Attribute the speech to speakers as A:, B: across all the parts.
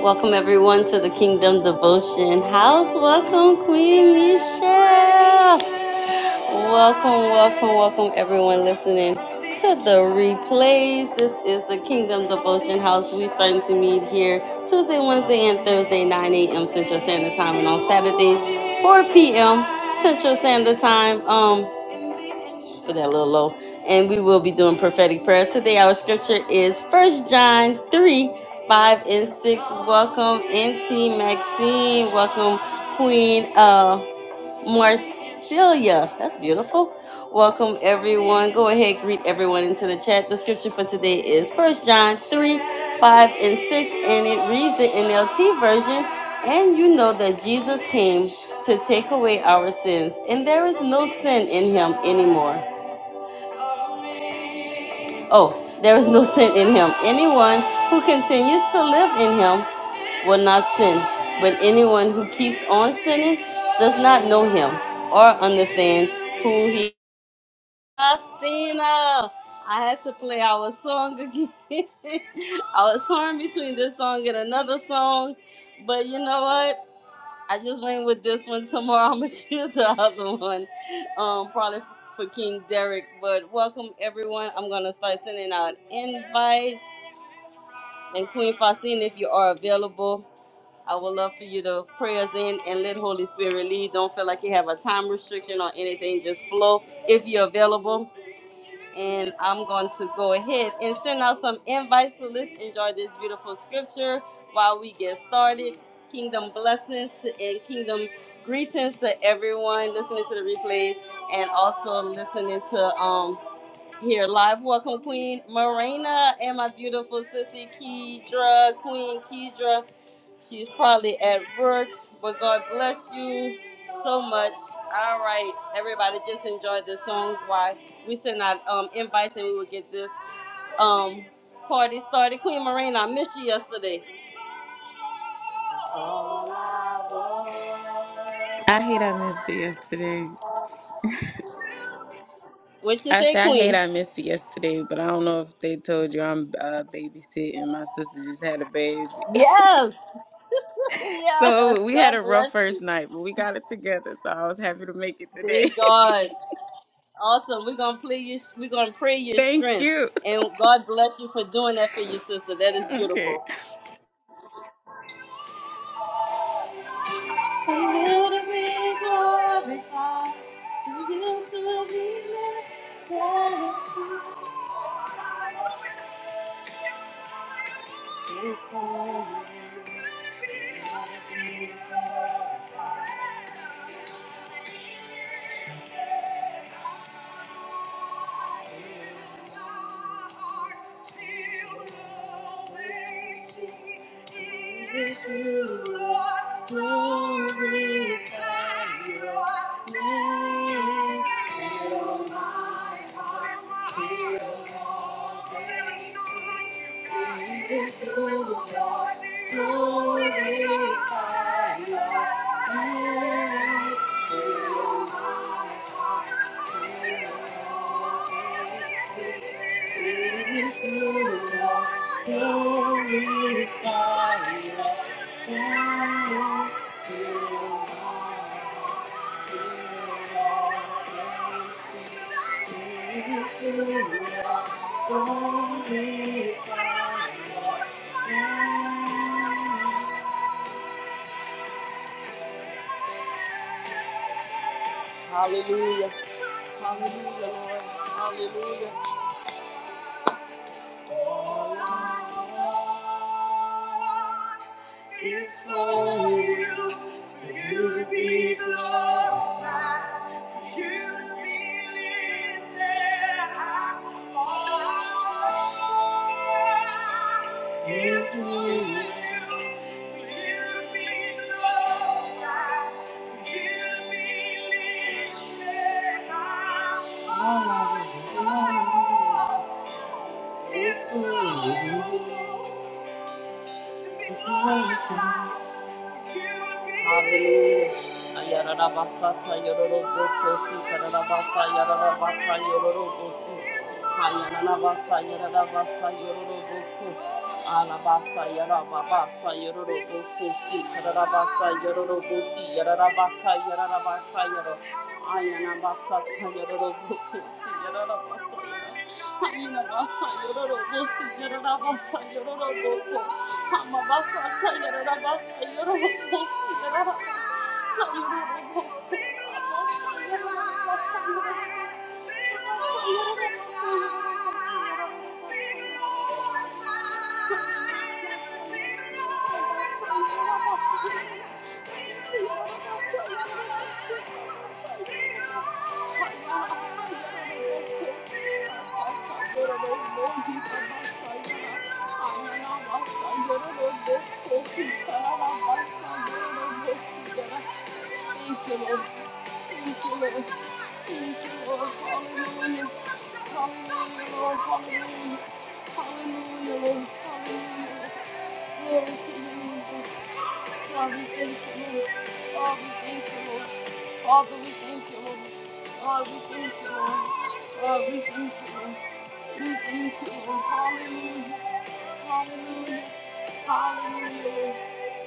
A: Welcome everyone to the Kingdom Devotion House. Welcome Queen Michelle. Welcome, welcome, welcome everyone listening to the replays. This is the Kingdom Devotion House. We starting to meet here Tuesday, Wednesday, and Thursday, 9 a.m. Central Standard Time, and on Saturdays, 4 p.m. Central Standard Time. Um for that a little low. And we will be doing prophetic prayers. Today our scripture is First John 3, 5 and 6. Welcome NT Maxine. Welcome Queen uh Marcelia. That's beautiful. Welcome everyone. Go ahead, greet everyone into the chat. The scripture for today is First John 3, 5 and 6, and it reads the NLT version. And you know that Jesus came to take away our sins, and there is no sin in him anymore. Oh, there is no sin in him. Anyone who continues to live in him will not sin. But anyone who keeps on sinning does not know him or understand who he is. Christina, I had to play our song again. I was torn between this song and another song. But you know what? I just went with this one. Tomorrow I'm gonna choose the other one, um, probably for King Derek. But welcome everyone. I'm gonna start sending out invites. And Queen Faustine, if you are available, I would love for you to pray us in and let Holy Spirit lead. Don't feel like you have a time restriction or anything. Just flow if you're available and I'm going to go ahead and send out some invites. So let's enjoy this beautiful scripture while we get started. Kingdom blessings and kingdom greetings to everyone listening to the replays and also listening to um here live. Welcome, Queen Marina and my beautiful sissy Kedra, Queen Kedra. She's probably at work, but God bless you so much. All right, everybody, just enjoy the songs while we send out um, invites and we will get this um, party started. Queen Marina, I missed you yesterday.
B: I hate I missed it yesterday.
A: What you
B: I
A: say,
B: say I hate
A: Queen?
B: I missed it yesterday, but I don't know if they told you I'm uh, babysitting. My sister just had a baby,
A: Yes, yes.
B: so we had
A: God
B: a rough
A: bless
B: first
A: you.
B: night, but we got it together. So I was happy to make it today.
A: Thank God. Awesome. We're gonna play you. We're gonna pray your
B: Thank
A: strength,
B: you.
A: and God bless you for doing that for your sister. That is
B: Okay.
A: beautiful. Hallelujah. Hallelujah, Lord. Hallelujah. All I want is for you, for you to be glorified, for you to be lifted high. All I want is for you, for you to be glorified, for you to be lifted high. It's so good to be glorified, for you to be Hallelujah. Ayararabasata yororobokosi kararabasa yararabasa yororobosi. Ayararabasa yararabasa yororobokosi. Alabasa yarababasa yororobokosi kararabasa yororobosi yararabasa yararabasa yoro. Ayanabasata yororobokosi yararabasa Haninabasa yororobosi yororabasa yororoboko. Hamabasa yororabasa yororobosi yororabasa Thank you, Lord. Thank you, Lord. Thank you, Lord. Hallelujah. Hallelujah, Lord. Hallelujah. Hallelujah, Lord. Hallelujah. Glory to you, Lord. God, we thank you, Lord. God, we thank you, Lord. Father, we thank you, Lord. God, we thank you, Lord. God, we thank you, Lord. We thank you, Lord. Hallelujah. Hallelujah. Hallelujah, Lord.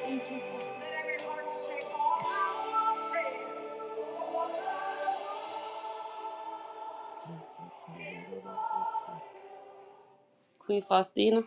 A: Thank you, Father. Queen Faustina.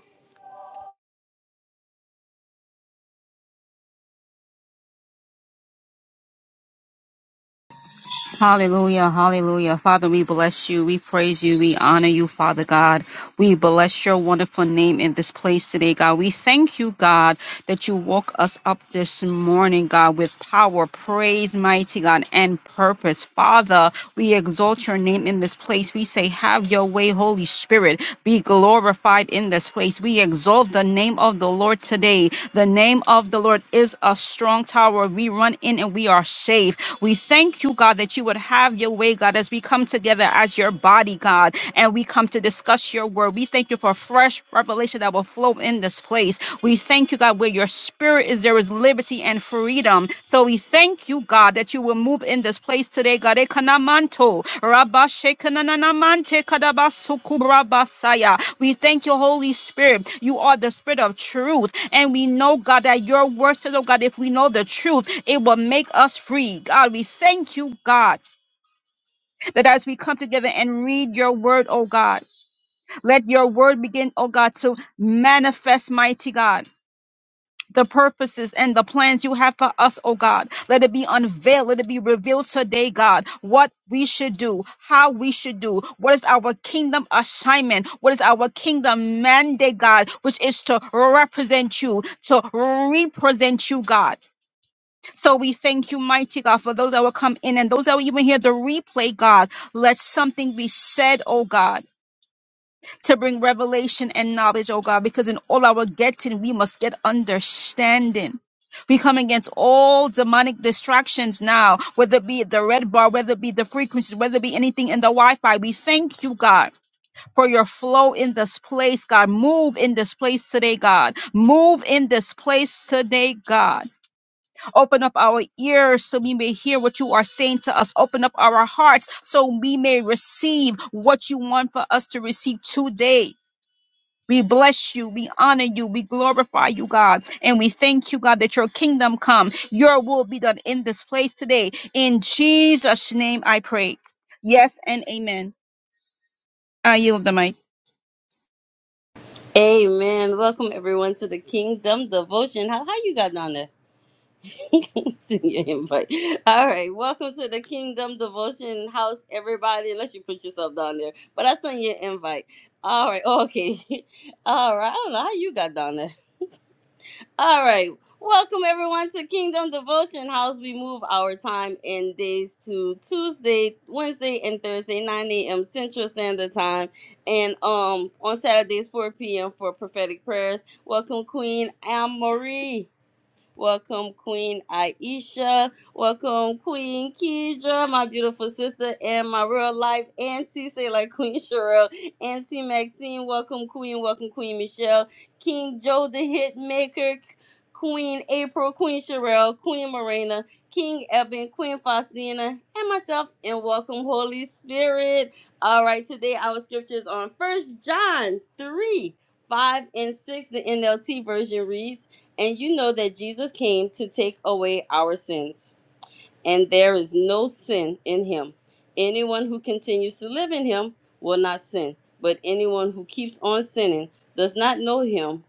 C: Hallelujah, hallelujah. Father, we bless you. We praise you. We honor you, Father God. We bless your wonderful name in this place today, God. We thank you, God, that you woke us up this morning, God, with power, praise, mighty God, and purpose. Father, we exalt your name in this place. We say, Have your way, Holy Spirit. Be glorified in this place. We exalt the name of the Lord today. The name of the Lord is a strong tower. We run in and we are safe. We thank you, God, that you would have your way, God, as we come together as your body, God, and we come to discuss your word. We thank you for fresh revelation that will flow in this place. We thank you, God, where your spirit is, there is liberty and freedom. So we thank you, God, that you will move in this place today, God. Ekanamanto, rabashekananamante kadabasukubrabasaya. We thank you, Holy Spirit. You are the spirit of truth. And we know, God, that your word says, oh God, if we know the truth, it will make us free. God, we thank you, God, that as we come together and read your word, oh God, let your word begin, oh God, to manifest, mighty God. The purposes and the plans you have for us, oh God. Let it be unveiled. Let it be revealed today, God, what we should do, how we should do, what is our kingdom assignment, what is our kingdom mandate, God, which is to represent you, to represent you, God. So we thank you, mighty God, for those that will come in and those that will even hear the replay, God. Let something be said, oh God, to bring revelation and knowledge, oh God, because in all our getting, we must get understanding. We come against all demonic distractions now, whether it be the red bar, whether it be the frequencies, whether it be anything in the Wi Fi. We thank you, God, for your flow in this place, God. Move in this place today, God. Move in this place today, God. Open up our ears so we may hear what you are saying to us. Open up our hearts so we may receive what you want for us to receive today. We bless you. We honor you. We glorify you, God. And we thank you, God, that your kingdom come. Your will be done in this place today. In Jesus' name I pray. Yes and amen. I yield the mic.
A: Amen. Welcome everyone to the Kingdom Devotion. How how you got down there? Send your invite. All right, welcome to the Kingdom Devotion House, everybody. Unless you put yourself down there, but I sent you an invite. All right, okay. All right, I don't know how you got down there. All right, welcome everyone to Kingdom Devotion House. We move our time and days to Tuesday, Wednesday, and Thursday, 9 a.m. Central Standard Time, and um on Saturdays 4 p.m. for prophetic prayers. Welcome, Queen Anne Marie. Welcome, Queen Aisha. Welcome, Queen Kedra, my beautiful sister and my real life auntie. Say like Queen Cheryl, Auntie Maxine. Welcome, Queen. Welcome, Queen Michelle. King Joe the Hitmaker. Queen April, Queen Sherelle, Queen Morena, King Eben, Queen Faustina, and myself, and welcome, Holy Spirit. All right, today our scripture is on First John 3 5 and 6. The NLT version reads, and you know that Jesus came to take away our sins and there is no sin in him. Anyone who continues to live in him will not sin, but anyone who keeps on sinning does not know him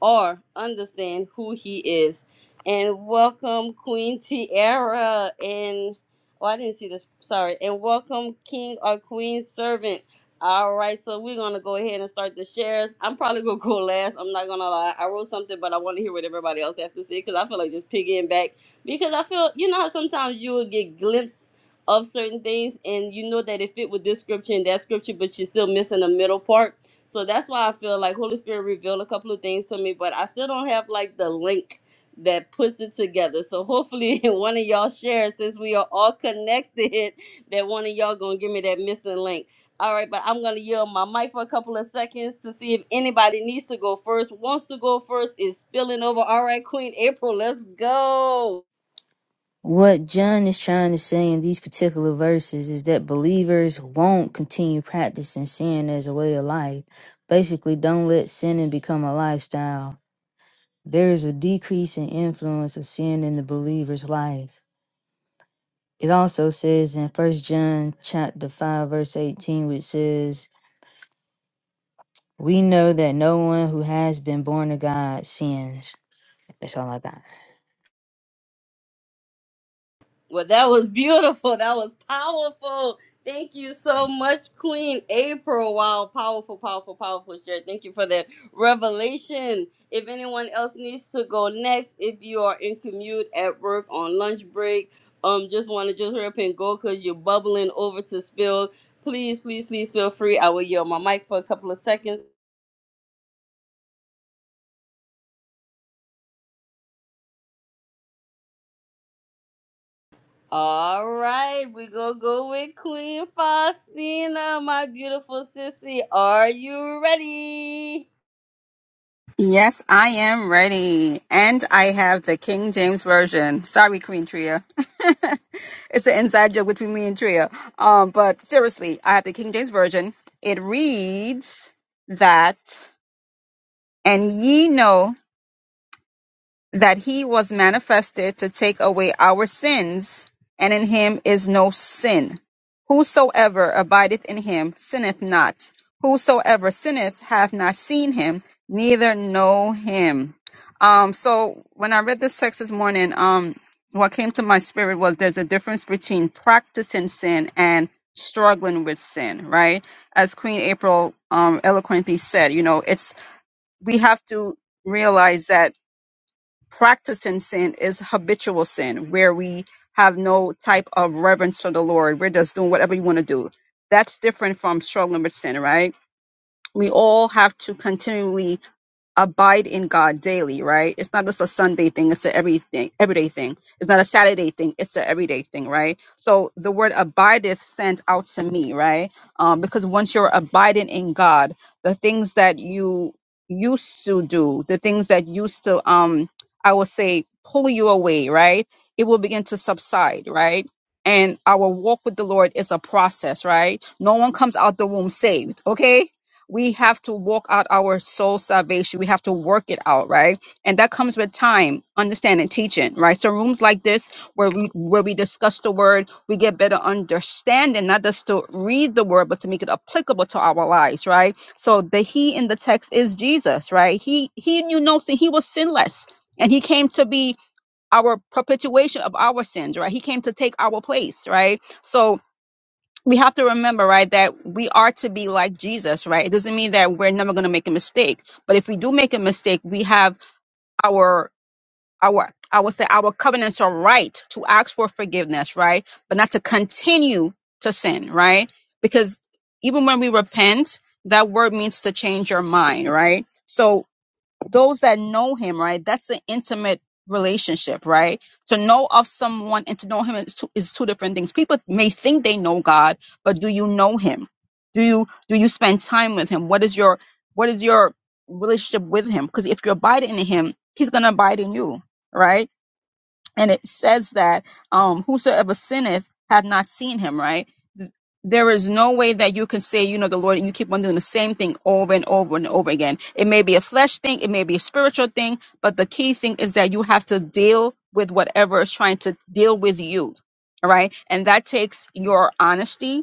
A: or understand who he is. And welcome Queen Tiara and oh I didn't see this sorry and welcome King or Queen Servant. All right, so we're gonna go ahead and start the shares. I'm probably gonna go last. I'm not gonna lie. I wrote something, but I want to hear what everybody else has to say because I feel like just piggying back because I feel you know how sometimes you will get glimpse of certain things and you know that it fit with this scripture and that scripture, but you're still missing the middle part. So that's why I feel like Holy Spirit revealed a couple of things to me, but I still don't have like the link that puts it together. So hopefully one of y'all shares since we are all connected that one of y'all gonna give me that missing link. All right, but I'm gonna yield my mic for a couple of seconds to see if anybody needs to go first, wants to go first, is spilling over. All right, Queen April, let's go.
D: What John is trying to say in these particular verses is that believers won't continue practicing sin as a way of life. Basically, don't let sinning become a lifestyle. There is a decrease in influence of sin in the believer's life. It also says in First John chapter 5 verse 18 which says, "We know that no one who has been born of God sins." That's all I got.
A: Well, that was beautiful. That was powerful. Thank you so much, Queen April. Wow, powerful, powerful, powerful share. Thank you for the revelation. If anyone else needs to go next, if you are in commute at work on lunch break, um, just want to just hurry up and go because you're bubbling over to spill. Please, please, please feel free. I will yield my mic for a couple of seconds. All right, we gonna go with Queen Faustina, my beautiful sissy. Are you ready?
C: Yes, I am ready. And I have the King James Version. Sorry, Queen Tria. it's an inside joke between me and Tria. Um, but seriously, I have the King James Version. It reads that, and ye know that he was manifested to take away our sins, and in him is no sin. Whosoever abideth in him sinneth not. Whosoever sinneth hath not seen him, neither know him. Um, so when I read this text this morning, um, what came to my spirit was there's a difference between practicing sin and struggling with sin, right? As Queen April um, eloquently said, you know, it's we have to realize that practicing sin is habitual sin, where we have no type of reverence for the Lord. We're just doing whatever you want to do. That's different from struggling with sin, right? We all have to continually abide in God daily, right? It's not just a Sunday thing, it's a everything everyday thing. It's not a Saturday thing, it's a everyday thing, right? So the word abideth stands out to me, right? Um, because once you're abiding in God, the things that you used to do, the things that used to um I will say pull you away, right? It will begin to subside, right? And our walk with the Lord is a process, right? No one comes out the womb saved, okay? we have to walk out our soul salvation. We have to work it out, right? And that comes with time, understanding, teaching, right? So rooms like this, where we where we discuss the word, we get better understanding, not just to read the word, but to make it applicable to our lives, right? So the He in the text is Jesus, right? He He knew no sin. He was sinless, and He came to be our perpetuation of our sins, right? He came to take our place, right? So we have to remember, right, that we are to be like Jesus, right? It doesn't mean that we're never going to make a mistake, but if we do make a mistake, we have our our I would say our covenants are right to ask for forgiveness, right? But not to continue to sin, right? Because even when we repent, that word means to change your mind, right? So those that know him, right? That's an intimate relationship, right? To know of someone and to know him is two, is two different things. People may think they know God, but do you know him? Do you do you spend time with him? What is your what is your relationship with him? Because if you abide in him, he's gonna abide in you, right? And it says that um whosoever sinneth hath not seen him, right? there is no way that you can say, you know, the Lord, and you keep on doing the same thing over and over and over again. It may be a flesh thing, it may be a spiritual thing, but the key thing is that you have to deal with whatever is trying to deal with you. All right. And that takes your honesty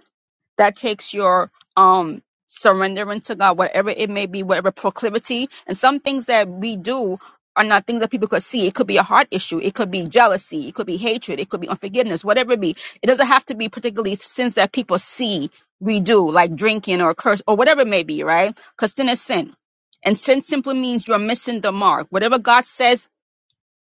C: that takes your um surrendering to God, whatever it may be, whatever proclivity. And some things that we do are not things that people could see. It could be a heart issue, it could be jealousy, it could be hatred, it could be unforgiveness, whatever it be. It doesn't have to be particularly sins that people see we do, like drinking or curse or whatever it may be, right? Because sin is sin. And sin simply means you're missing the mark. Whatever God says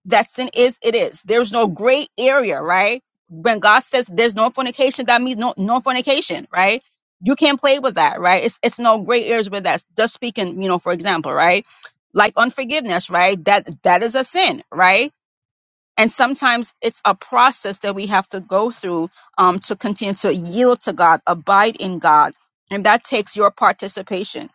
C: that sin is, it is. There's no gray area, right? When God says there's no fornication, that means no no fornication, right? You can't play with that, right? It's it's no gray areas with that. Just speaking, you know, for example, right? Like unforgiveness, right? That that is a sin, right? And sometimes it's a process that we have to go through um, to continue to yield to God, abide in God. And that takes your participation.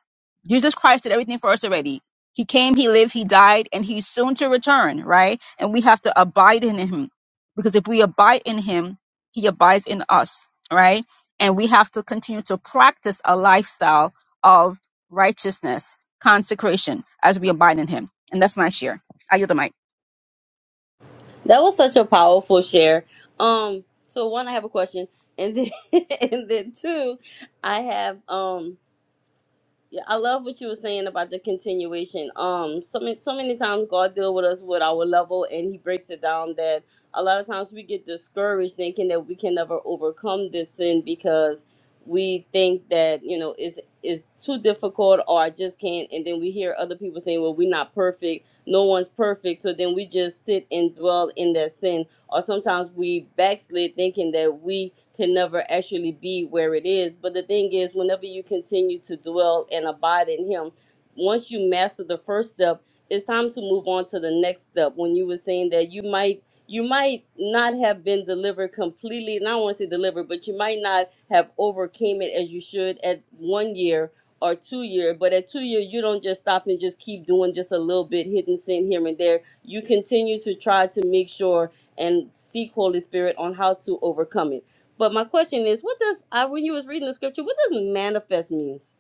C: Jesus Christ did everything for us already. He came, He lived, He died, and He's soon to return, right? And we have to abide in Him because if we abide in Him, He abides in us, right? And we have to continue to practice a lifestyle of righteousness, consecration as we abide in Him. And that's my share. I yield the mic.
A: That was such a powerful share. Um, so one, I have a question, and then and then two, I have um, yeah, I love what you were saying about the continuation. Um, so many so many times God deal with us with our level, and He breaks it down that a lot of times we get discouraged thinking that we can never overcome this sin because we think that you know it's it's too difficult or I just can't, and then we hear other people saying, well, we're not perfect, no one's perfect, so then we just sit and dwell in that sin or sometimes we backslid thinking that we can never actually be where it is. But the thing is, whenever you continue to dwell and abide in Him, once you master the first step, it's time to move on to the next step. When you were saying that you might you might not have been delivered completely, and I don't want to say delivered, but you might not have overcame it as you should at one year or two year. But at two year, you don't just stop and just keep doing just a little bit, hidden sin here and there. You continue to try to make sure and seek Holy Spirit on how to overcome it. But my question is, what does I when you was reading the scripture, what does manifest means?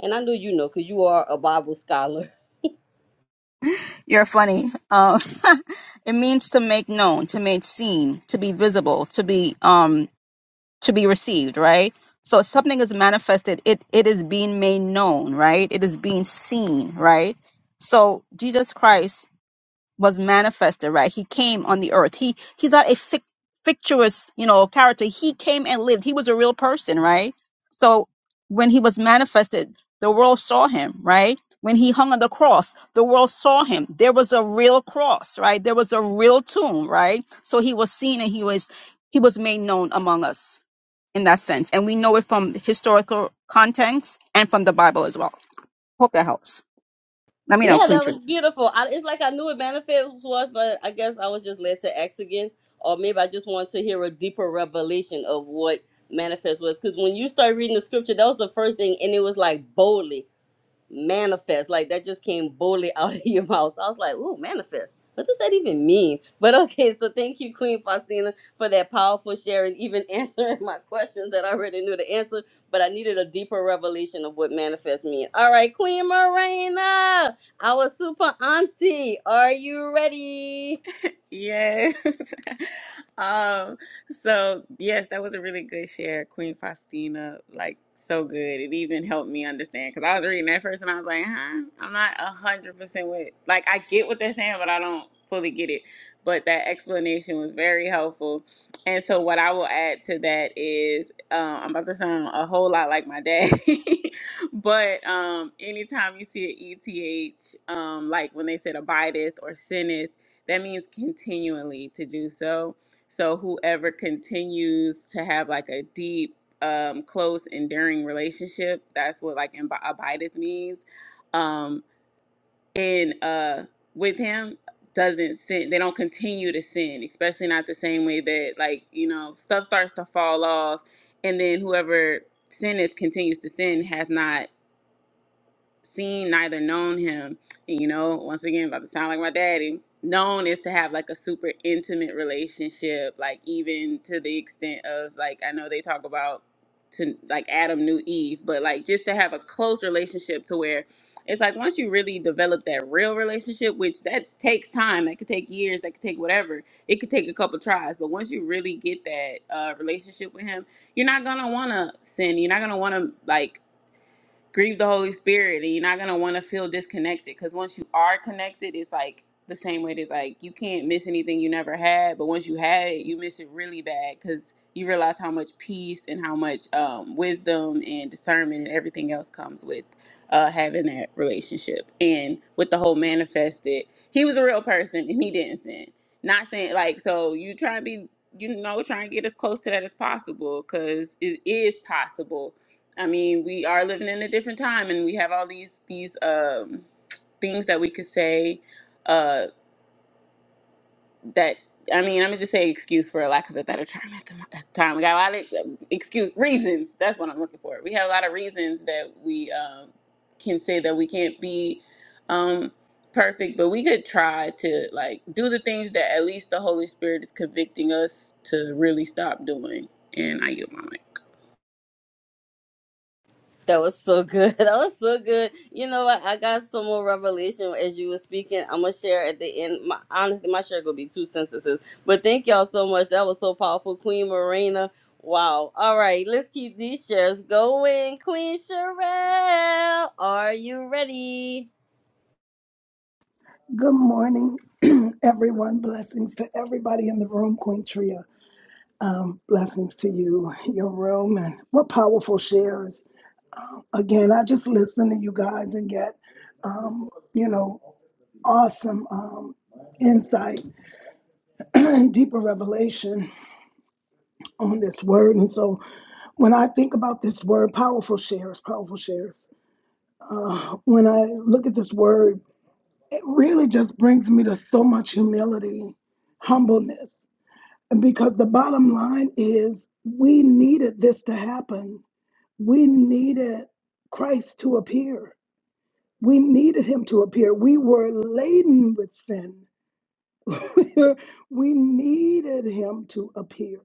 A: And I know you know because you are a Bible scholar.
C: You're funny. Um, it means to make known, to make seen, to be visible, to be um to be received, right? So something is manifested, it it is being made known, right? It is being seen, right? So Jesus Christ was manifested, right? He came on the earth. He he's not a fic- fictitious, you know, character. He came and lived. He was a real person, right? So when he was manifested, the world saw him, right? When he hung on the cross, the world saw him. There was a real cross, right? There was a real tomb, right? So he was seen and he was he was made known among us in that sense. And we know it from historical context and from the Bible as well. Hope that helps. Let me know,
A: Yeah,
C: Queen
A: that
C: Tree.
A: was beautiful. I, it's like I knew what manifest was, but I guess I was just led to X again, or maybe I just wanted to hear a deeper revelation of what manifest was. Because when you start reading the scripture, that was the first thing, and it was like boldly. manifest. Like that just came boldly out of your mouth. I was like, ooh, manifest. What does that even mean? But okay, so thank you, Queen Faustina, for that powerful share and even answering my questions that I already knew the answer, but I needed a deeper revelation of what manifest means. All right, Queen Marina, our super auntie, are you ready?
B: Yes. um, so yes, that was a really good share, Queen Faustina. Like so good. It even helped me understand because I was reading that first and I was like, huh, I'm not a hundred percent with like I get what they're saying, but I don't fully get it. But that explanation was very helpful. And so what I will add to that is um, I'm about to sound a whole lot like my daddy. but um anytime you see an ETH, um, like when they said abideth or sinneth that means continually to do so. So whoever continues to have like a deep, um, close, enduring relationship, that's what like imbi- abideth means. Um, and uh, with him doesn't sin. They don't continue to sin, especially not the same way that like you know stuff starts to fall off, and then whoever sinneth continues to sin hath not seen neither known him. And, you know, once again, about to sound like my daddy. Known is to have like a super intimate relationship, like even to the extent of like I know they talk about to like Adam knew Eve, but like just to have a close relationship to where it's like once you really develop that real relationship, which that takes time, that could take years, that could take whatever, it could take a couple tries, but once you really get that uh, relationship with him, you're not gonna want to sin. You're not gonna want to like grieve the Holy Spirit and you're not gonna wanna feel disconnected because once you are connected, it's like the same way it is like you can't miss anything you never had, but once you had it, you miss it really bad because you realize how much peace and how much um, wisdom and discernment and everything else comes with uh, having that relationship. And with the whole manifested, he was a real person and he didn't sin. Not saying like so you try to be you know trying to get as close to that as possible because it is possible I mean, we are living in a different time, and we have all these these um, things that we could say. Uh, that I mean, I'm gonna just say excuse for a lack of a better term at the, mo- at the time. We got a lot of um, excuse reasons. That's what I'm looking for. We have a lot of reasons that we um, can say that we can't be um, perfect, but we could try to like do the things that at least the Holy Spirit is convicting us to really stop doing. And I yield my mic.
A: That was so good. That was so good. You know what? I got some more revelation as you were speaking. I'm gonna share at the end. My honestly, my share gonna be two sentences. But thank y'all so much. That was so powerful, Queen Marina. Wow. All right, let's keep these shares going. Queen Sherelle, are you ready?
E: Good morning, everyone. Blessings to everybody in the room, Queen Tria. Um, blessings to you, your room, and what powerful shares. Again, I just listen to you guys and get, um, you know, awesome um, insight and deeper revelation on this word. And so when I think about this word, powerful shares, powerful shares, uh, when I look at this word, it really just brings me to so much humility, humbleness because the bottom line is we needed this to happen. We needed Christ to appear. We needed him to appear. We were laden with sin. we needed him to appear.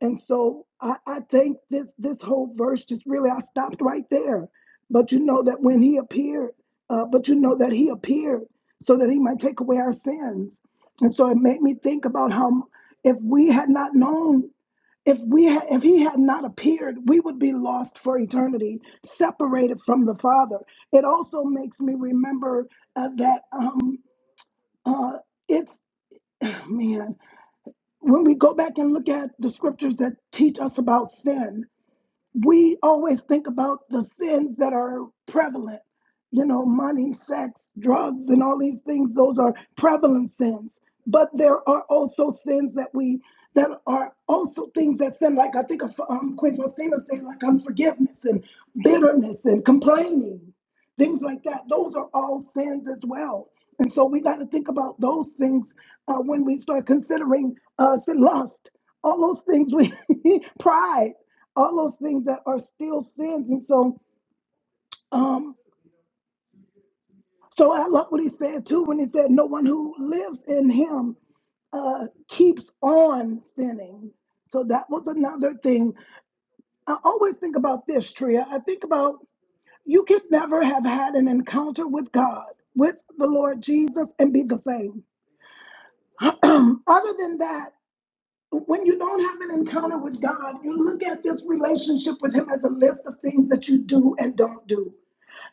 E: And so I, I think this this whole verse just really I stopped right there. But you know that when he appeared, uh, but you know that he appeared so that he might take away our sins. And so it made me think about how if we had not known if we ha- if he had not appeared we would be lost for eternity separated from the father it also makes me remember uh, that um uh it's man when we go back and look at the scriptures that teach us about sin we always think about the sins that are prevalent. You know, money, sex, drugs, and all these things, those are prevalent sins. But there are also sins that we, that are also things that sin, like I think of um, Queen Faustina saying, like unforgiveness and bitterness and complaining, things like that. Those are all sins as well. And so we got to think about those things uh, when we start considering uh, sin, lust, all those things we, pride all those things that are still sins. And so, um, so I love what he said too when he said, "No one who lives in Him uh, keeps on sinning." So that was another thing. I always think about this, Tria. I think about you could never have had an encounter with God, with the Lord Jesus, and be the same. Other than that, when you don't have an encounter with God, you look at this relationship with Him as a list of things that you do and don't do.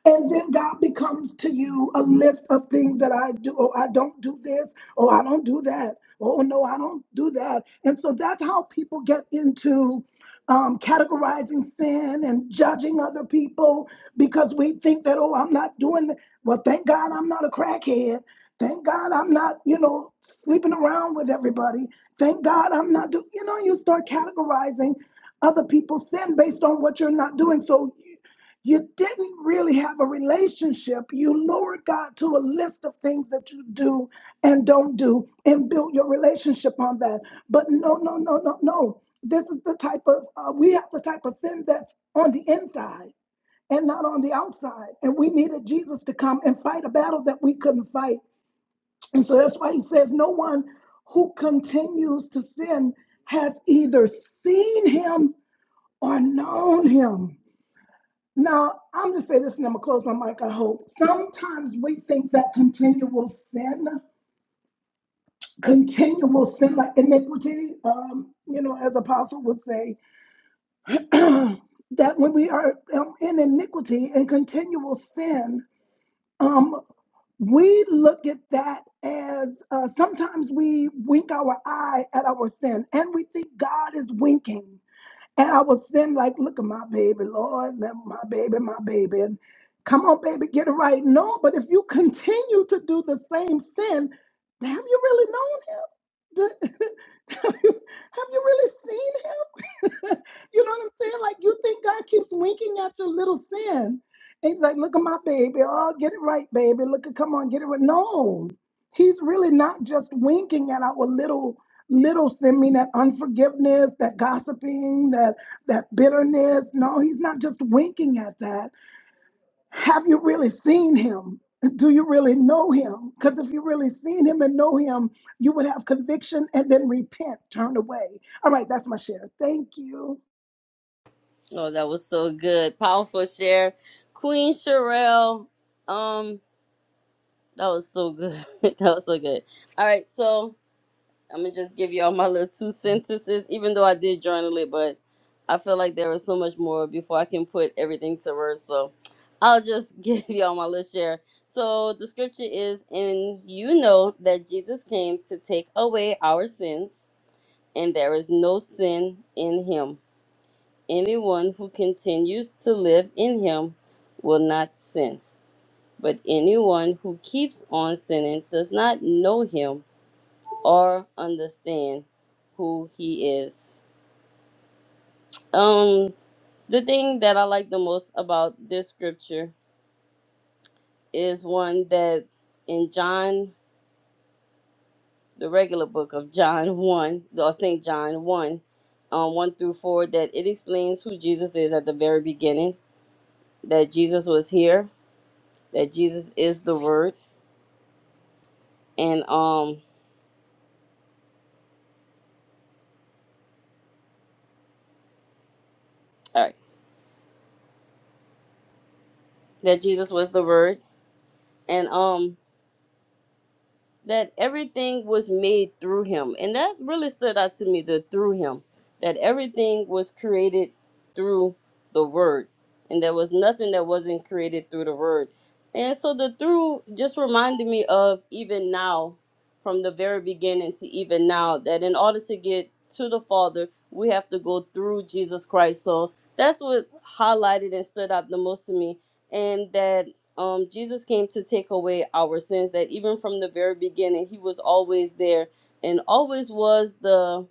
E: And then God becomes to you a list of things that I do. Oh, I don't do this. Oh, I don't do that. Oh, no, I don't do that. And so that's how people get into um, categorizing sin and judging other people because we think that, oh, I'm not doing, th- well, thank God I'm not a crackhead. Thank God I'm not, you know, sleeping around with everybody. Thank God I'm not doing, you know, you start categorizing other people's sin based on what you're not doing. So you didn't really have a relationship. You lured God to a list of things that you do and don't do and built your relationship on that. But no, no, no, no, no. This is the type of, uh, we have the type of sin that's on the inside and not on the outside. And we needed Jesus to come and fight a battle that we couldn't fight. And so that's why he says, no one who continues to sin has either seen him or known him. Now, I'm going to say this and I'm going to close my mic, I hope. Sometimes we think that continual sin, continual sin, like iniquity, um, you know, as Apostle would say, that when we are um, in iniquity and continual sin, um, we look at that as uh, sometimes we wink our eye at our sin and we think God is winking. And I was then like, look at my baby, Lord, let my baby, my baby. And come on, baby, get it right. No, but if you continue to do the same sin, have you really known him? Do- have you have you really seen him? you know what I'm saying? Like you think God keeps winking at your little sin. And he's like, look at my baby. Oh, get it right, baby. Look at come on, get it right. No. He's really not just winking at our little little sin mean that unforgiveness, that gossiping, that that bitterness. No, he's not just winking at that. Have you really seen him? Do you really know him? Because if you really seen him and know him, you would have conviction and then repent, turn away. All right, that's my share. Thank you.
A: Oh, that was so good. Powerful share, Queen Sherelle. Um, that was so good. that was so good. All right, so. I'm gonna just give y'all my little two sentences, even though I did journal it, but I feel like there was so much more before I can put everything to words. So I'll just give y'all my little share. So the scripture is, and you know that Jesus came to take away our sins, and there is no sin in him. Anyone who continues to live in him will not sin, but anyone who keeps on sinning does not know him or understand who he is. Um, the thing that I like the most about this scripture is one that in John, the regular book of John 1, or St. John 1, um, 1 through 4, that it explains who Jesus is at the very beginning, that Jesus was here, that Jesus is the Word, and um, all right, that Jesus was the Word, and um, that everything was made through him. And that really stood out to me the through him, that everything was created through the word. And there was nothing that wasn't created through the word. And so the through just reminded me of even now, from the very beginning to even now, that in order to get to the Father, we have to go through Jesus Christ. So that's what highlighted and stood out the most to me. And that um, Jesus came to take away our sins, that even from the very beginning, he was always there and always was the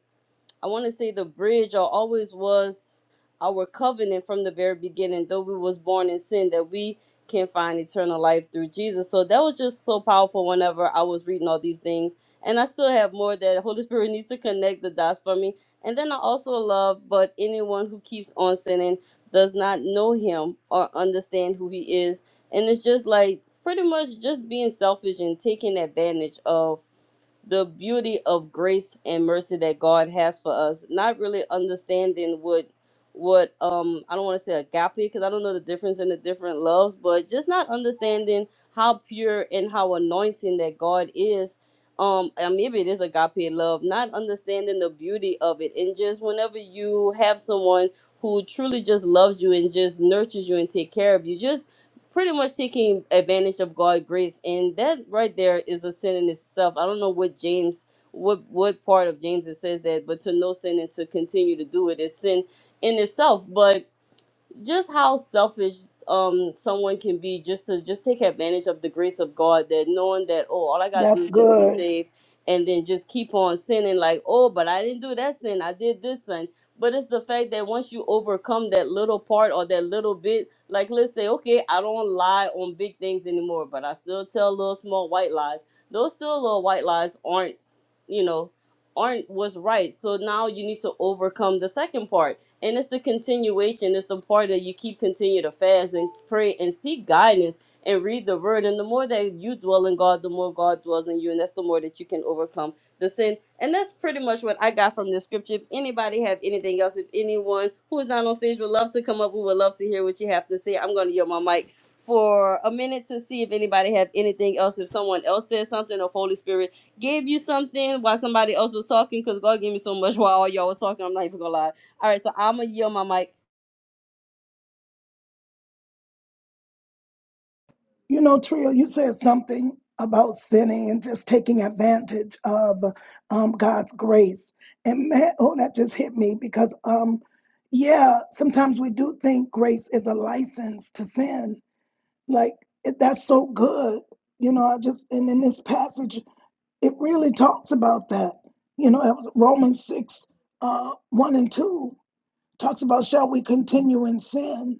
A: I want to say the bridge or always was our covenant from the very beginning, though we was born in sin, that we can find eternal life through Jesus. So that was just so powerful whenever I was reading all these things. And I still have more that the Holy Spirit needs to connect the dots for me. And then I also love, but anyone who keeps on sinning does not know him or understand who he is. And it's just like pretty much just being selfish and taking advantage of the beauty of grace and mercy that God has for us, not really understanding what what um I don't want to say agape because I don't know the difference in the different loves, but just not understanding how pure and how anointing that God is. Um, and maybe it is agape love, not understanding the beauty of it, and just whenever you have someone who truly just loves you and just nurtures you and take care of you, just pretty much taking advantage of God's grace, and that right there is a sin in itself. I don't know what James, what what part of James it says that, but to know sin and to continue to do it is sin in itself. But just how selfish um someone can be just to just take advantage of the grace of God that knowing that oh all I gotta
E: That's
A: do is just be
E: good.
A: saved and then just keep on sinning like oh but I didn't do that sin I did this sin but it's the fact that once you overcome that little part or that little bit like let's say okay I don't lie on big things anymore but I still tell little small white lies those still little white lies aren't you know aren't what's right so now you need to overcome the second part and it's the continuation, it's the part that you keep continue to fast and pray and seek guidance and read the word. And the more that you dwell in God, the more God dwells in you. And that's the more that you can overcome the sin. And that's pretty much what I got from the scripture. If anybody have anything else, if anyone who is not on stage would love to come up, we would love to hear what you have to say. I'm gonna yield my mic for a minute to see if anybody have anything else. If someone else said something, or if Holy Spirit gave you something while somebody else was talking, because God gave me so much while all y'all was talking. I'm not even gonna lie. All right, so I'm gonna yield my mic.
E: You know, Trio, you said something about sinning and just taking advantage of um, God's grace. And man, oh, that just hit me because, um, yeah, sometimes we do think grace is a license to sin. Like, it, that's so good. You know, I just, and in this passage, it really talks about that. You know, it was Romans 6 uh, 1 and 2 talks about, shall we continue in sin?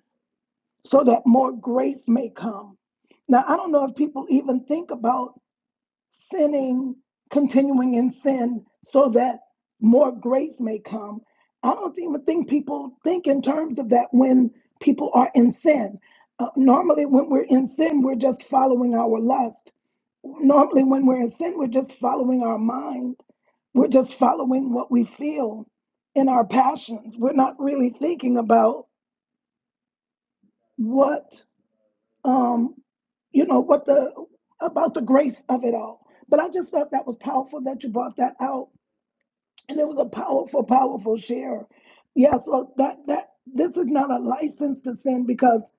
E: so that more grace may come. Now, I don't know if people even think about sinning, continuing in sin, so that more grace may come. I don't even think people think in terms of that when people are in sin. Uh, normally, when we're in sin, we're just following our lust. Normally, when we're in sin, we're just following our mind. We're just following what we feel in our passions. We're not really thinking about what um, you know what the about the grace of it all. But I just thought that was powerful that you brought that out, and it was a powerful, powerful share. Yeah, so that that this is not a license to sin because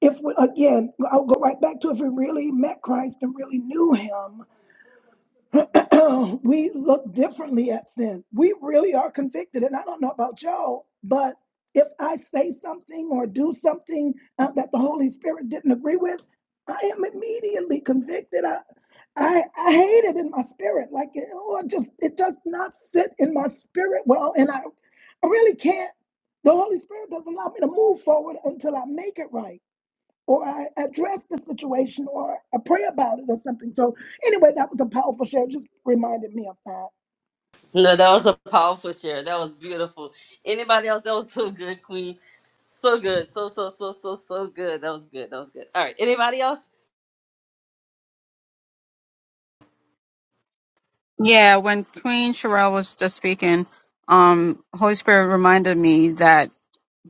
E: if we, again I'll go right back to if we really met Christ and really knew Him, we look differently at sin. We really are convicted. And I don't know about y'all, but if I say something or do something uh, that the Holy Spirit didn't agree with, I am immediately convicted. I, I, I hate it in my spirit. Like, oh, it just, it does not sit in my spirit well. And I, I really can't, the Holy Spirit doesn't allow me to move forward until I make it right or I address the situation or I pray about it or something. So anyway, that was a powerful share. It Just reminded me of that.
A: No, that was a powerful share. That was beautiful. Anybody else? That was so good, Queen. So good. So so so so so good. That was good. That was good. All right. Anybody else?
C: Yeah, when Queen Sherelle was just speaking, um, Holy Spirit reminded me that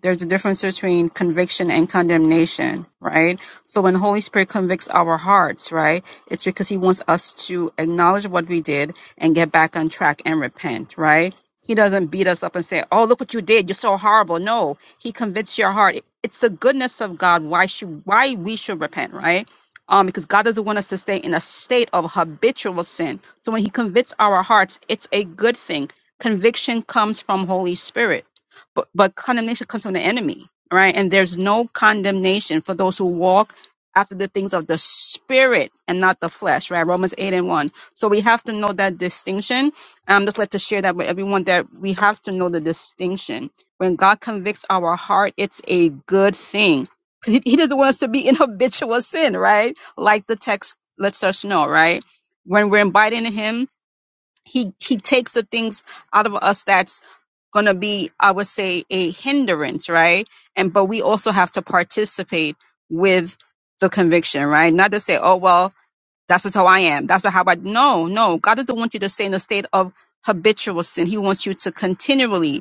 C: there's a difference between conviction and condemnation, right? So when Holy Spirit convicts our hearts, right, it's because he wants us to acknowledge what we did and get back on track and repent, right? He doesn't beat us up and say, "Oh, look what you did. You're so horrible." No, he convicts your heart. It's the goodness of God why should why we should repent, right? Um, because God doesn't want us to stay in a state of habitual sin. So when he convicts our hearts, it's a good thing. Conviction comes from Holy Spirit but, but condemnation comes from the enemy, right? And there's no condemnation for those who walk after the things of the spirit and not the flesh, right? Romans 8 and 1. So we have to know that distinction. I'm just like to share that with everyone that we have to know the distinction. When God convicts our heart, it's a good thing. He, he doesn't want us to be in habitual sin, right? Like the text lets us know, right? When we're inviting Him he he takes the things out of us that's going to be i would say a hindrance right and but we also have to participate with the conviction right not to say oh well that's just how i am that's how i no no god doesn't want you to stay in a state of habitual sin he wants you to continually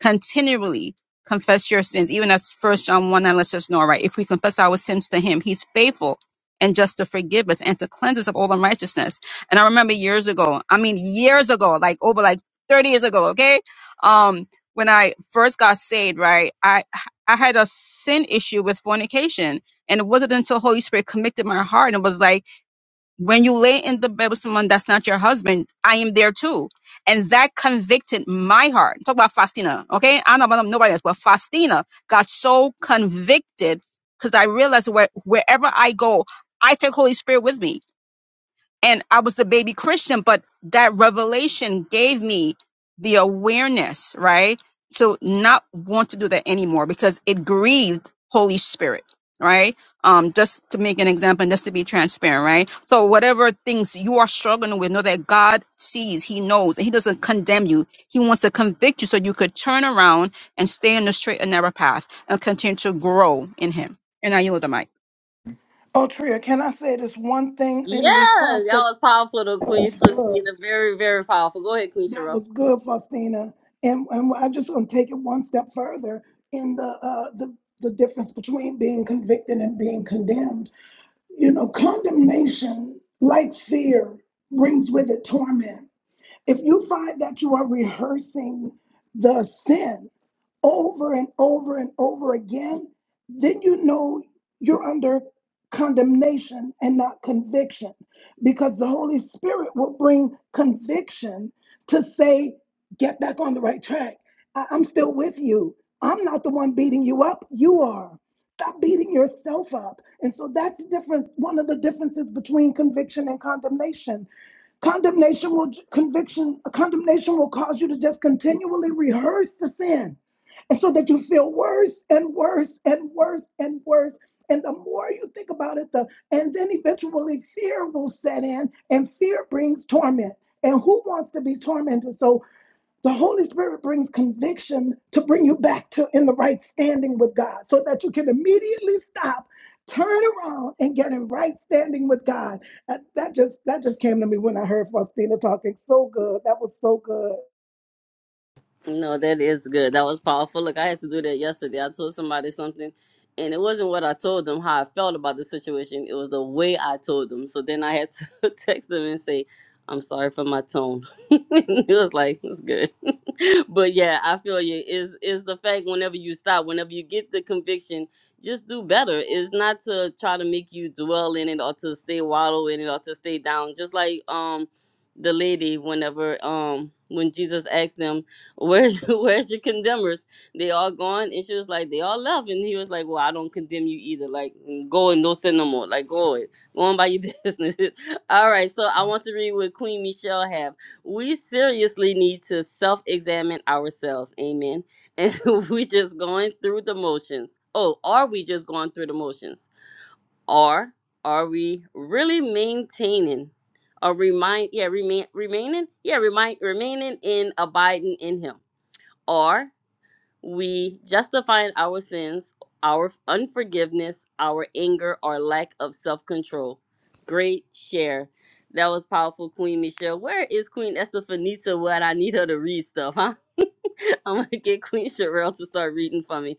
C: continually confess your sins, even as First John 1 9 lets us know, right? If we confess our sins to Him, He's faithful and just to forgive us and to cleanse us of all unrighteousness. And I remember years ago, I mean, years ago, like over like 30 years ago, okay? Um, when I first got saved, right, I I had a sin issue with fornication. And it wasn't until Holy Spirit convicted my heart and was like, when you lay in the bed with someone that's not your husband, I am there too. And that convicted my heart. Talk about Faustina, okay? I don't know about nobody else, but Faustina got so convicted because I realized where, wherever I go, I take Holy Spirit with me and I was a baby Christian, but that revelation gave me the awareness, right? To not want to do that anymore because it grieved Holy Spirit, right? Um, just to make an example, and just to be transparent, right? So whatever things you are struggling with, know that God sees, He knows, and He doesn't condemn you. He wants to convict you so you could turn around and stay on the straight and narrow path and continue to grow in Him. And I yield the mic.
E: Oh, Tria, can I say this one thing
A: Yeah,
E: in response
A: that
E: to
A: was powerful, though,
E: that
A: Queen
E: was good.
A: Faustina. Very very powerful. Go ahead, Queen
E: That
A: Cheryl.
E: was good, Faustina. And, and I just want to take it one step further in the, uh, the the difference between being convicted and being condemned. You know, condemnation, like fear, brings with it torment. If you find that you are rehearsing the sin over and over and over again, then you know you're under condemnation and not conviction because the Holy Spirit will bring conviction to say, get back on the right track. I- I'm still with you. I'm not the one beating you up, you are. Stop beating yourself up. And so that's the difference, one of the differences between conviction and condemnation Condemnation will conviction, condemnation will cause you to just continually rehearse the sin. And so that you feel worse and worse and worse and worse. And the more you think about it, the and then eventually fear will set in, and fear brings torment. And who wants to be tormented? So the Holy Spirit brings conviction to bring you back to in the right standing with God so that you can immediately stop, turn around and get in right standing with God. Uh, That just that just came to me when I heard Faustina talking. So good. That was so good.
A: No, that is good. That was powerful. Look, I had to do that yesterday. I told somebody something, and it wasn't what I told them, how I felt about the situation. It was the way I told them. So then I had to text them and say, I'm sorry for my tone. it was like, it's good. but yeah, I feel you. Is is the fact whenever you stop, whenever you get the conviction, just do better. It's not to try to make you dwell in it or to stay wallow in it or to stay down. Just like um the lady whenever um when Jesus asked them Where's where's your condemners? They all gone. And she was like, they all left. And he was like, well, I don't condemn you either. Like, go and don't sin no more. Like, go it. Go on by your business. all right. So I want to read what Queen Michelle have. We seriously need to self-examine ourselves. Amen. And we just going through the motions. Oh, are we just going through the motions? Or are we really maintaining or remind yeah, remain remaining? Yeah, remind remaining in abiding in him. Or we justifying our sins, our unforgiveness, our anger, or lack of self control. Great share. That was powerful, Queen Michelle. Where is Queen Estefanita when I need her to read stuff, huh? I'm gonna get Queen Sherelle to start reading for me.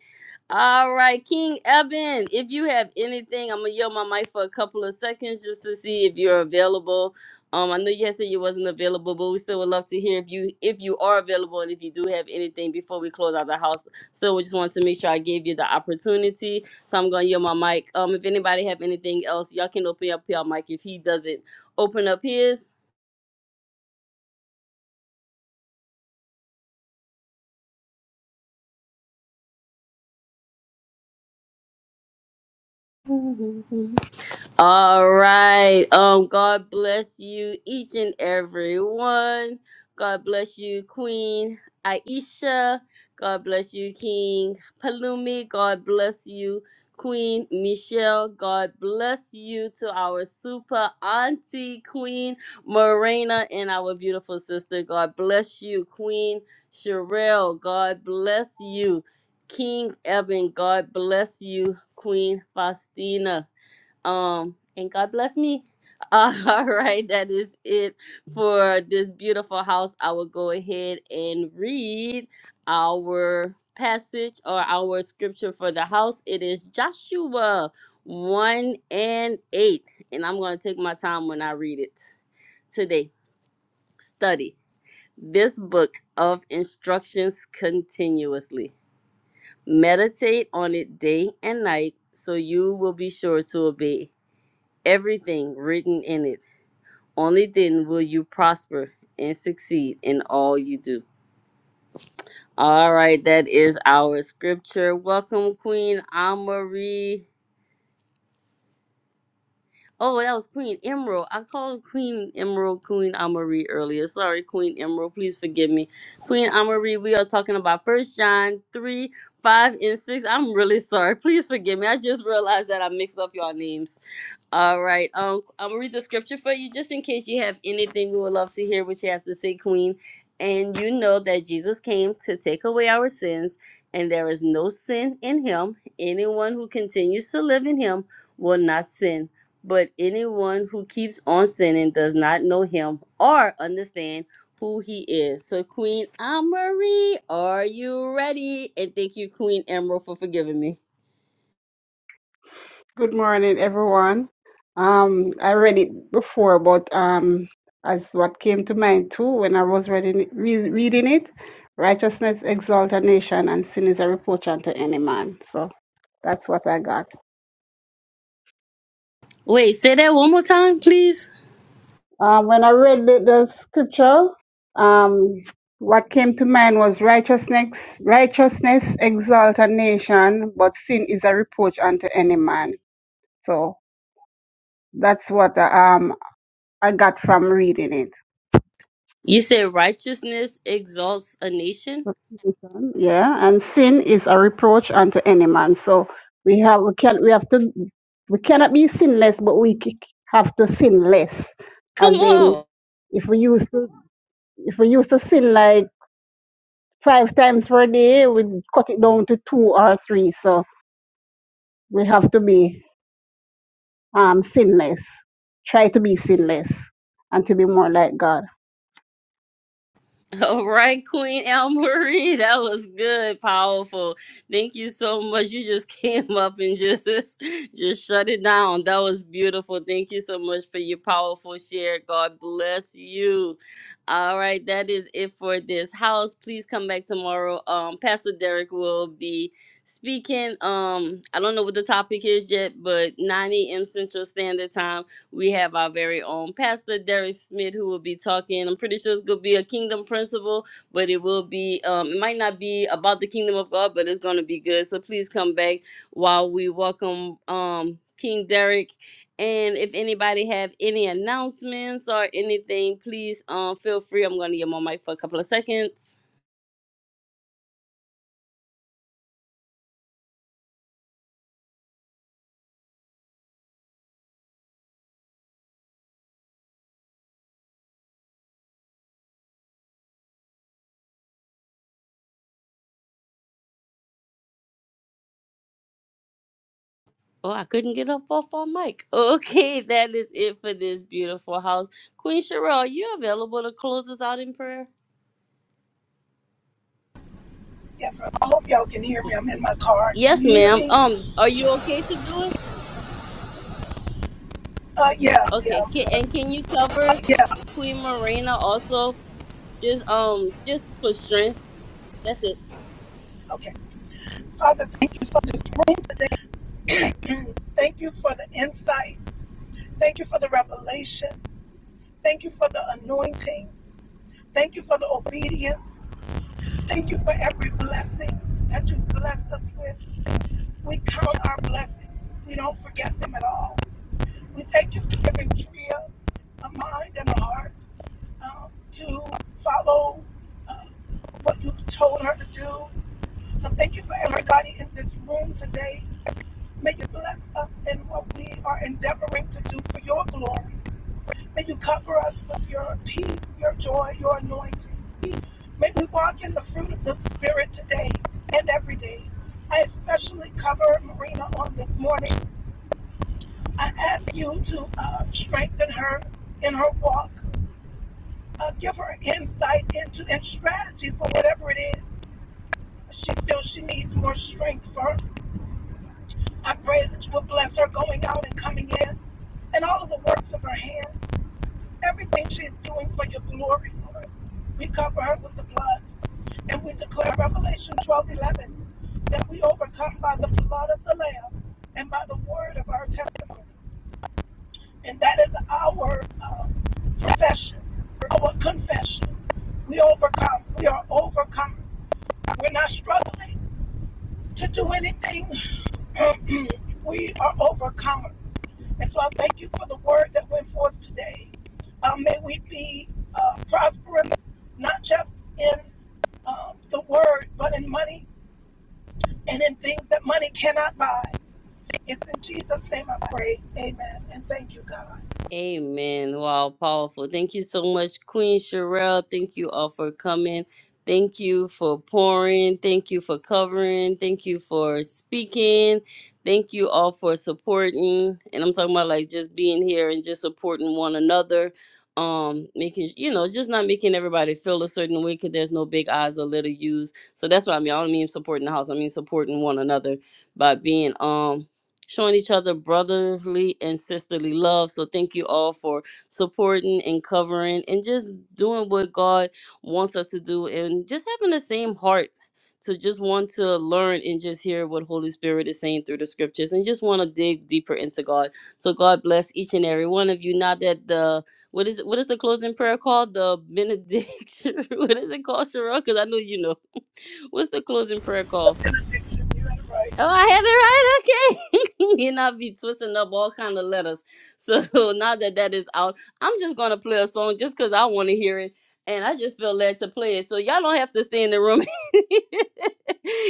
A: All right, King Eben, if you have anything, I'm gonna yell my mic for a couple of seconds just to see if you're available. Um, I know you had said you wasn't available, but we still would love to hear if you if you are available and if you do have anything before we close out the house. So we just wanted to make sure I gave you the opportunity. So I'm gonna yell my mic. Um, if anybody have anything else, y'all can open up your mic if he doesn't open up his. All right. Um, God bless you, each and every one. God bless you, Queen Aisha. God bless you, King Palumi. God bless you, Queen Michelle. God bless you to our super auntie, Queen Morena, and our beautiful sister. God bless you, Queen Sherelle. God bless you, King Evan. God bless you, Queen Faustina. Um, and God bless me. Uh, all right, that is it for this beautiful house. I will go ahead and read our passage or our scripture for the house. It is Joshua 1 and 8. And I'm going to take my time when I read it today. Study this book of instructions continuously. Meditate on it day and night so you will be sure to obey everything written in it. Only then will you prosper and succeed in all you do. All right, that is our scripture. Welcome, Queen Amarie. Oh, that was Queen Emerald. I called Queen Emerald Queen Amarie earlier. Sorry, Queen Emerald. Please forgive me. Queen Amarie, we are talking about First John 3, 5, and 6. I'm really sorry. Please forgive me. I just realized that I mixed up y'all names. All right. Um, I'm gonna read the scripture for you just in case you have anything. We would love to hear what you have to say, Queen. And you know that Jesus came to take away our sins, and there is no sin in him. Anyone who continues to live in him will not sin. But anyone who keeps on sinning does not know him or understand who he is. So, Queen Marie, are you ready? And thank you, Queen Emerald, for forgiving me.
F: Good morning, everyone. Um, I read it before, but um, as what came to mind too when I was reading it, re- reading it, righteousness exalts a nation, and sin is a reproach unto any man. So that's what I got.
A: Wait, say that one more time, please.
F: Um, when I read the, the scripture, um, what came to mind was righteousness. Righteousness exalts a nation, but sin is a reproach unto any man. So that's what I, um I got from reading it.
A: You said righteousness exalts a nation?
F: Reputation, Yeah, and sin is a reproach unto any man. So we have we can we have to we cannot be sinless, but we c- have to sin less.
A: Come
F: As in,
A: on.
F: if we used to if we used to sin like five times per day, we cut it down to two or three. So we have to be um sinless. Try to be sinless and to be more like God.
A: All right, Queen Al Marie, that was good, powerful. Thank you so much. You just came up and just just shut it down. That was beautiful. Thank you so much for your powerful share. God bless you. All right, that is it for this house. Please come back tomorrow. Um, Pastor Derek will be speaking. Um, I don't know what the topic is yet, but 9 a.m. Central Standard Time. we have our very own pastor derek smith who will be talking i'm pretty sure it's going to be a kingdom principle but it will be um, it might not be about the kingdom of god but it's going to be good so please come back while we welcome um, king derek and if anybody have any announcements or anything please um, feel free i'm going to get my mic for a couple of seconds Oh, I couldn't get up off my mic. Okay, that is it for this beautiful house. Queen Sherelle, are you available to close us out in prayer?
E: Yes, ma'am. I hope y'all can hear me. I'm in my car. Can
A: Yes,
E: you hear
A: ma'am.
E: me?
A: Um, are you okay to do it?
E: Uh, yeah,
A: Okay.
E: yeah,
A: Can, and can you cover
E: yeah.
A: Queen Morena also? Just um, just for strength. That's it.
E: Okay. Father, thank you for this room. Thank you for the insight. Thank you for the revelation. Thank you for the anointing. Thank you for the obedience. Thank you for every blessing that you've blessed us with. We count our blessings. We don't forget them at all. We thank you for giving Tria a mind and a heart um, to follow what you've told her to do. And thank you for everybody in this room today. May you bless us in what we are endeavoring to do for your glory. May you cover us with your peace, your joy, your anointing. May we walk in the fruit of the Spirit today and every day. I especially cover Marina on this morning. I ask you to uh, strengthen her in her walk, uh, give her insight into and strategy for whatever it is she feels she needs more strength for. I pray that you will bless her going out and coming in, and all of the works of her hands, everything she is doing for your glory, Lord. We cover her with the blood. And we declare Revelation 12 11 that we overcome by the blood of the Lamb and by the word of our testimony. And that is our uh, profession, our confession. We overcome. We are overcomers. We're not struggling to do anything. we are overcomers. And so I thank you for the word that went forth today. Uh, may we be uh, prosperous, not just in um, the word, but in money and in things that money cannot buy. It's in Jesus' name I pray. Amen. And thank you, God.
A: Amen. Wow, powerful. Thank you so much, Queen Sherelle. Thank you all for coming. Thank you for pouring. Thank you for covering. Thank you for speaking. Thank you all for supporting. And I'm talking about like just being here and just supporting one another. Um, making you know, just not making everybody feel a certain way because there's no big eyes or little U's. So that's what I mean. I don't mean supporting the house. I mean supporting one another by being um showing each other brotherly and sisterly love. So thank you all for supporting and covering and just doing what God wants us to do and just having the same heart to just want to learn and just hear what Holy Spirit is saying through the scriptures and just want to dig deeper into God. So God bless each and every one of you. Not that the what is what is the closing prayer called? The benediction. what is it called, Cheryl? Because I know you know. What's the closing prayer called?
E: Picture you and right.
A: Oh, I had it right. Okay, and I'll be twisting up all kind of letters. So now that that is out, I'm just gonna play a song just because I want to hear it, and I just feel led to play it. So y'all don't have to stay in the room.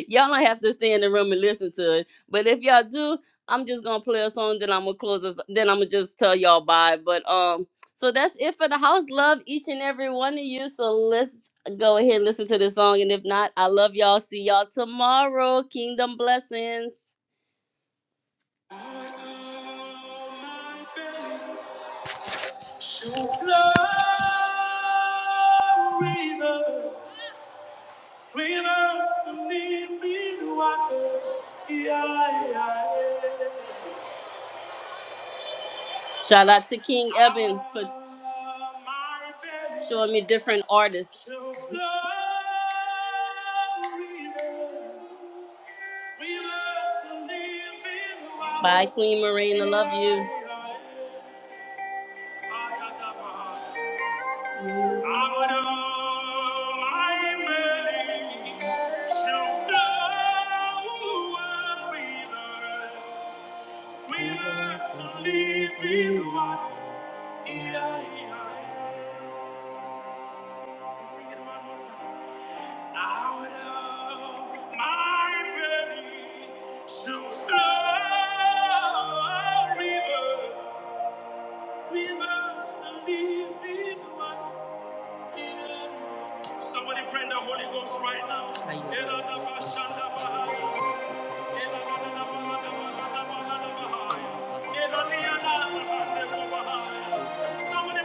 A: y'all don't have to stay in the room and listen to it. But if y'all do, I'm just gonna play a song. Then I'm gonna close this. Then I'm gonna just tell y'all bye. But um, so that's it for the house. Love each and every one of you. So let's go ahead and listen to this song. And if not, I love y'all. See y'all tomorrow. Kingdom blessings. Shout out to King Eben for showing me different artists. Bye, Queen Marina. Love you. Somebody pray in the Holy Ghost right now. Somebody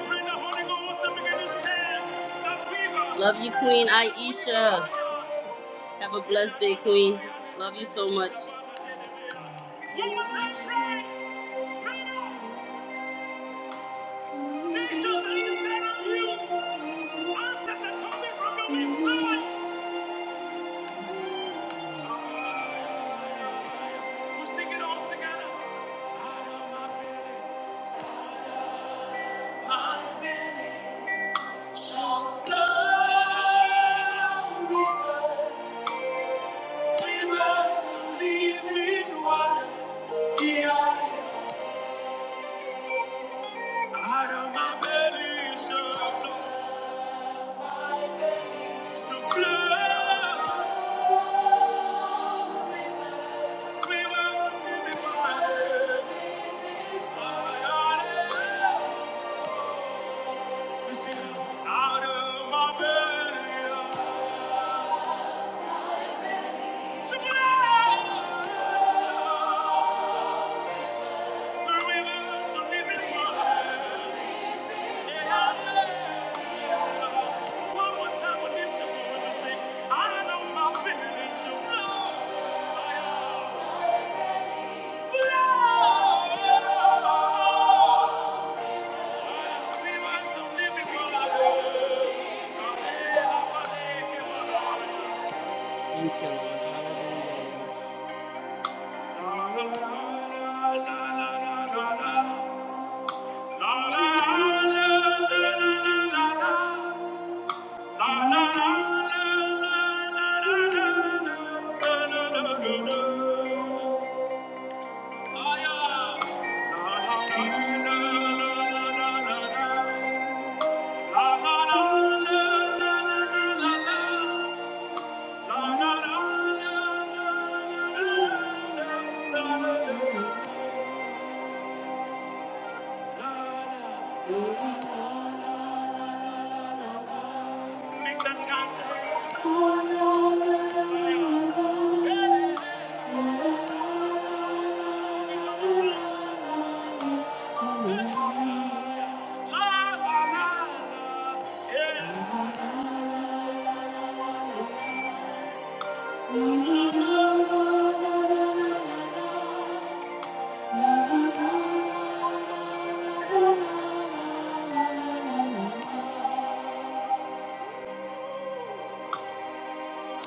A: pray in the Holy Ghost and begin to stand. Love you, Queen Aisha. Have a blessed day, Queen. Love you so much. Nations of you. Answers are coming from your We sing it all together. My belly shall Yeah. Out of my belly shall flow, shall flow rivers of living water. Thank you. Thank you, Lord. Hallelujah, Lord.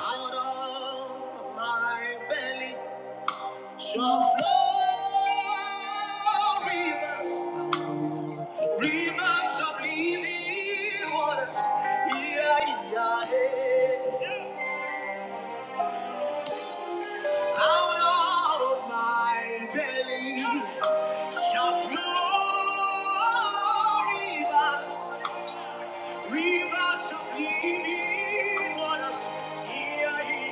A: Out of my belly shall flow rivers, rivers of living waters. Yeah, yeah, yeah. Out of my belly shall flow rivers, rivers of living waters. Yeah, yeah, yeah.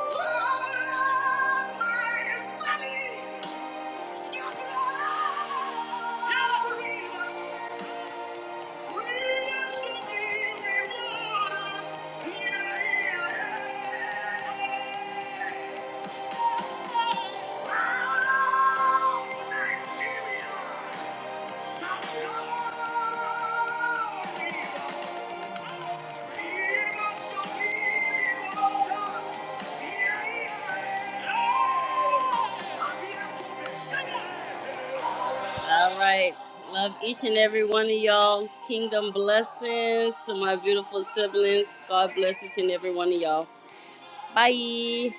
A: Out of my belly. All right. Love each and every one of y'all. Kingdom blessings to my beautiful siblings. God bless each and every one of y'all. Bye.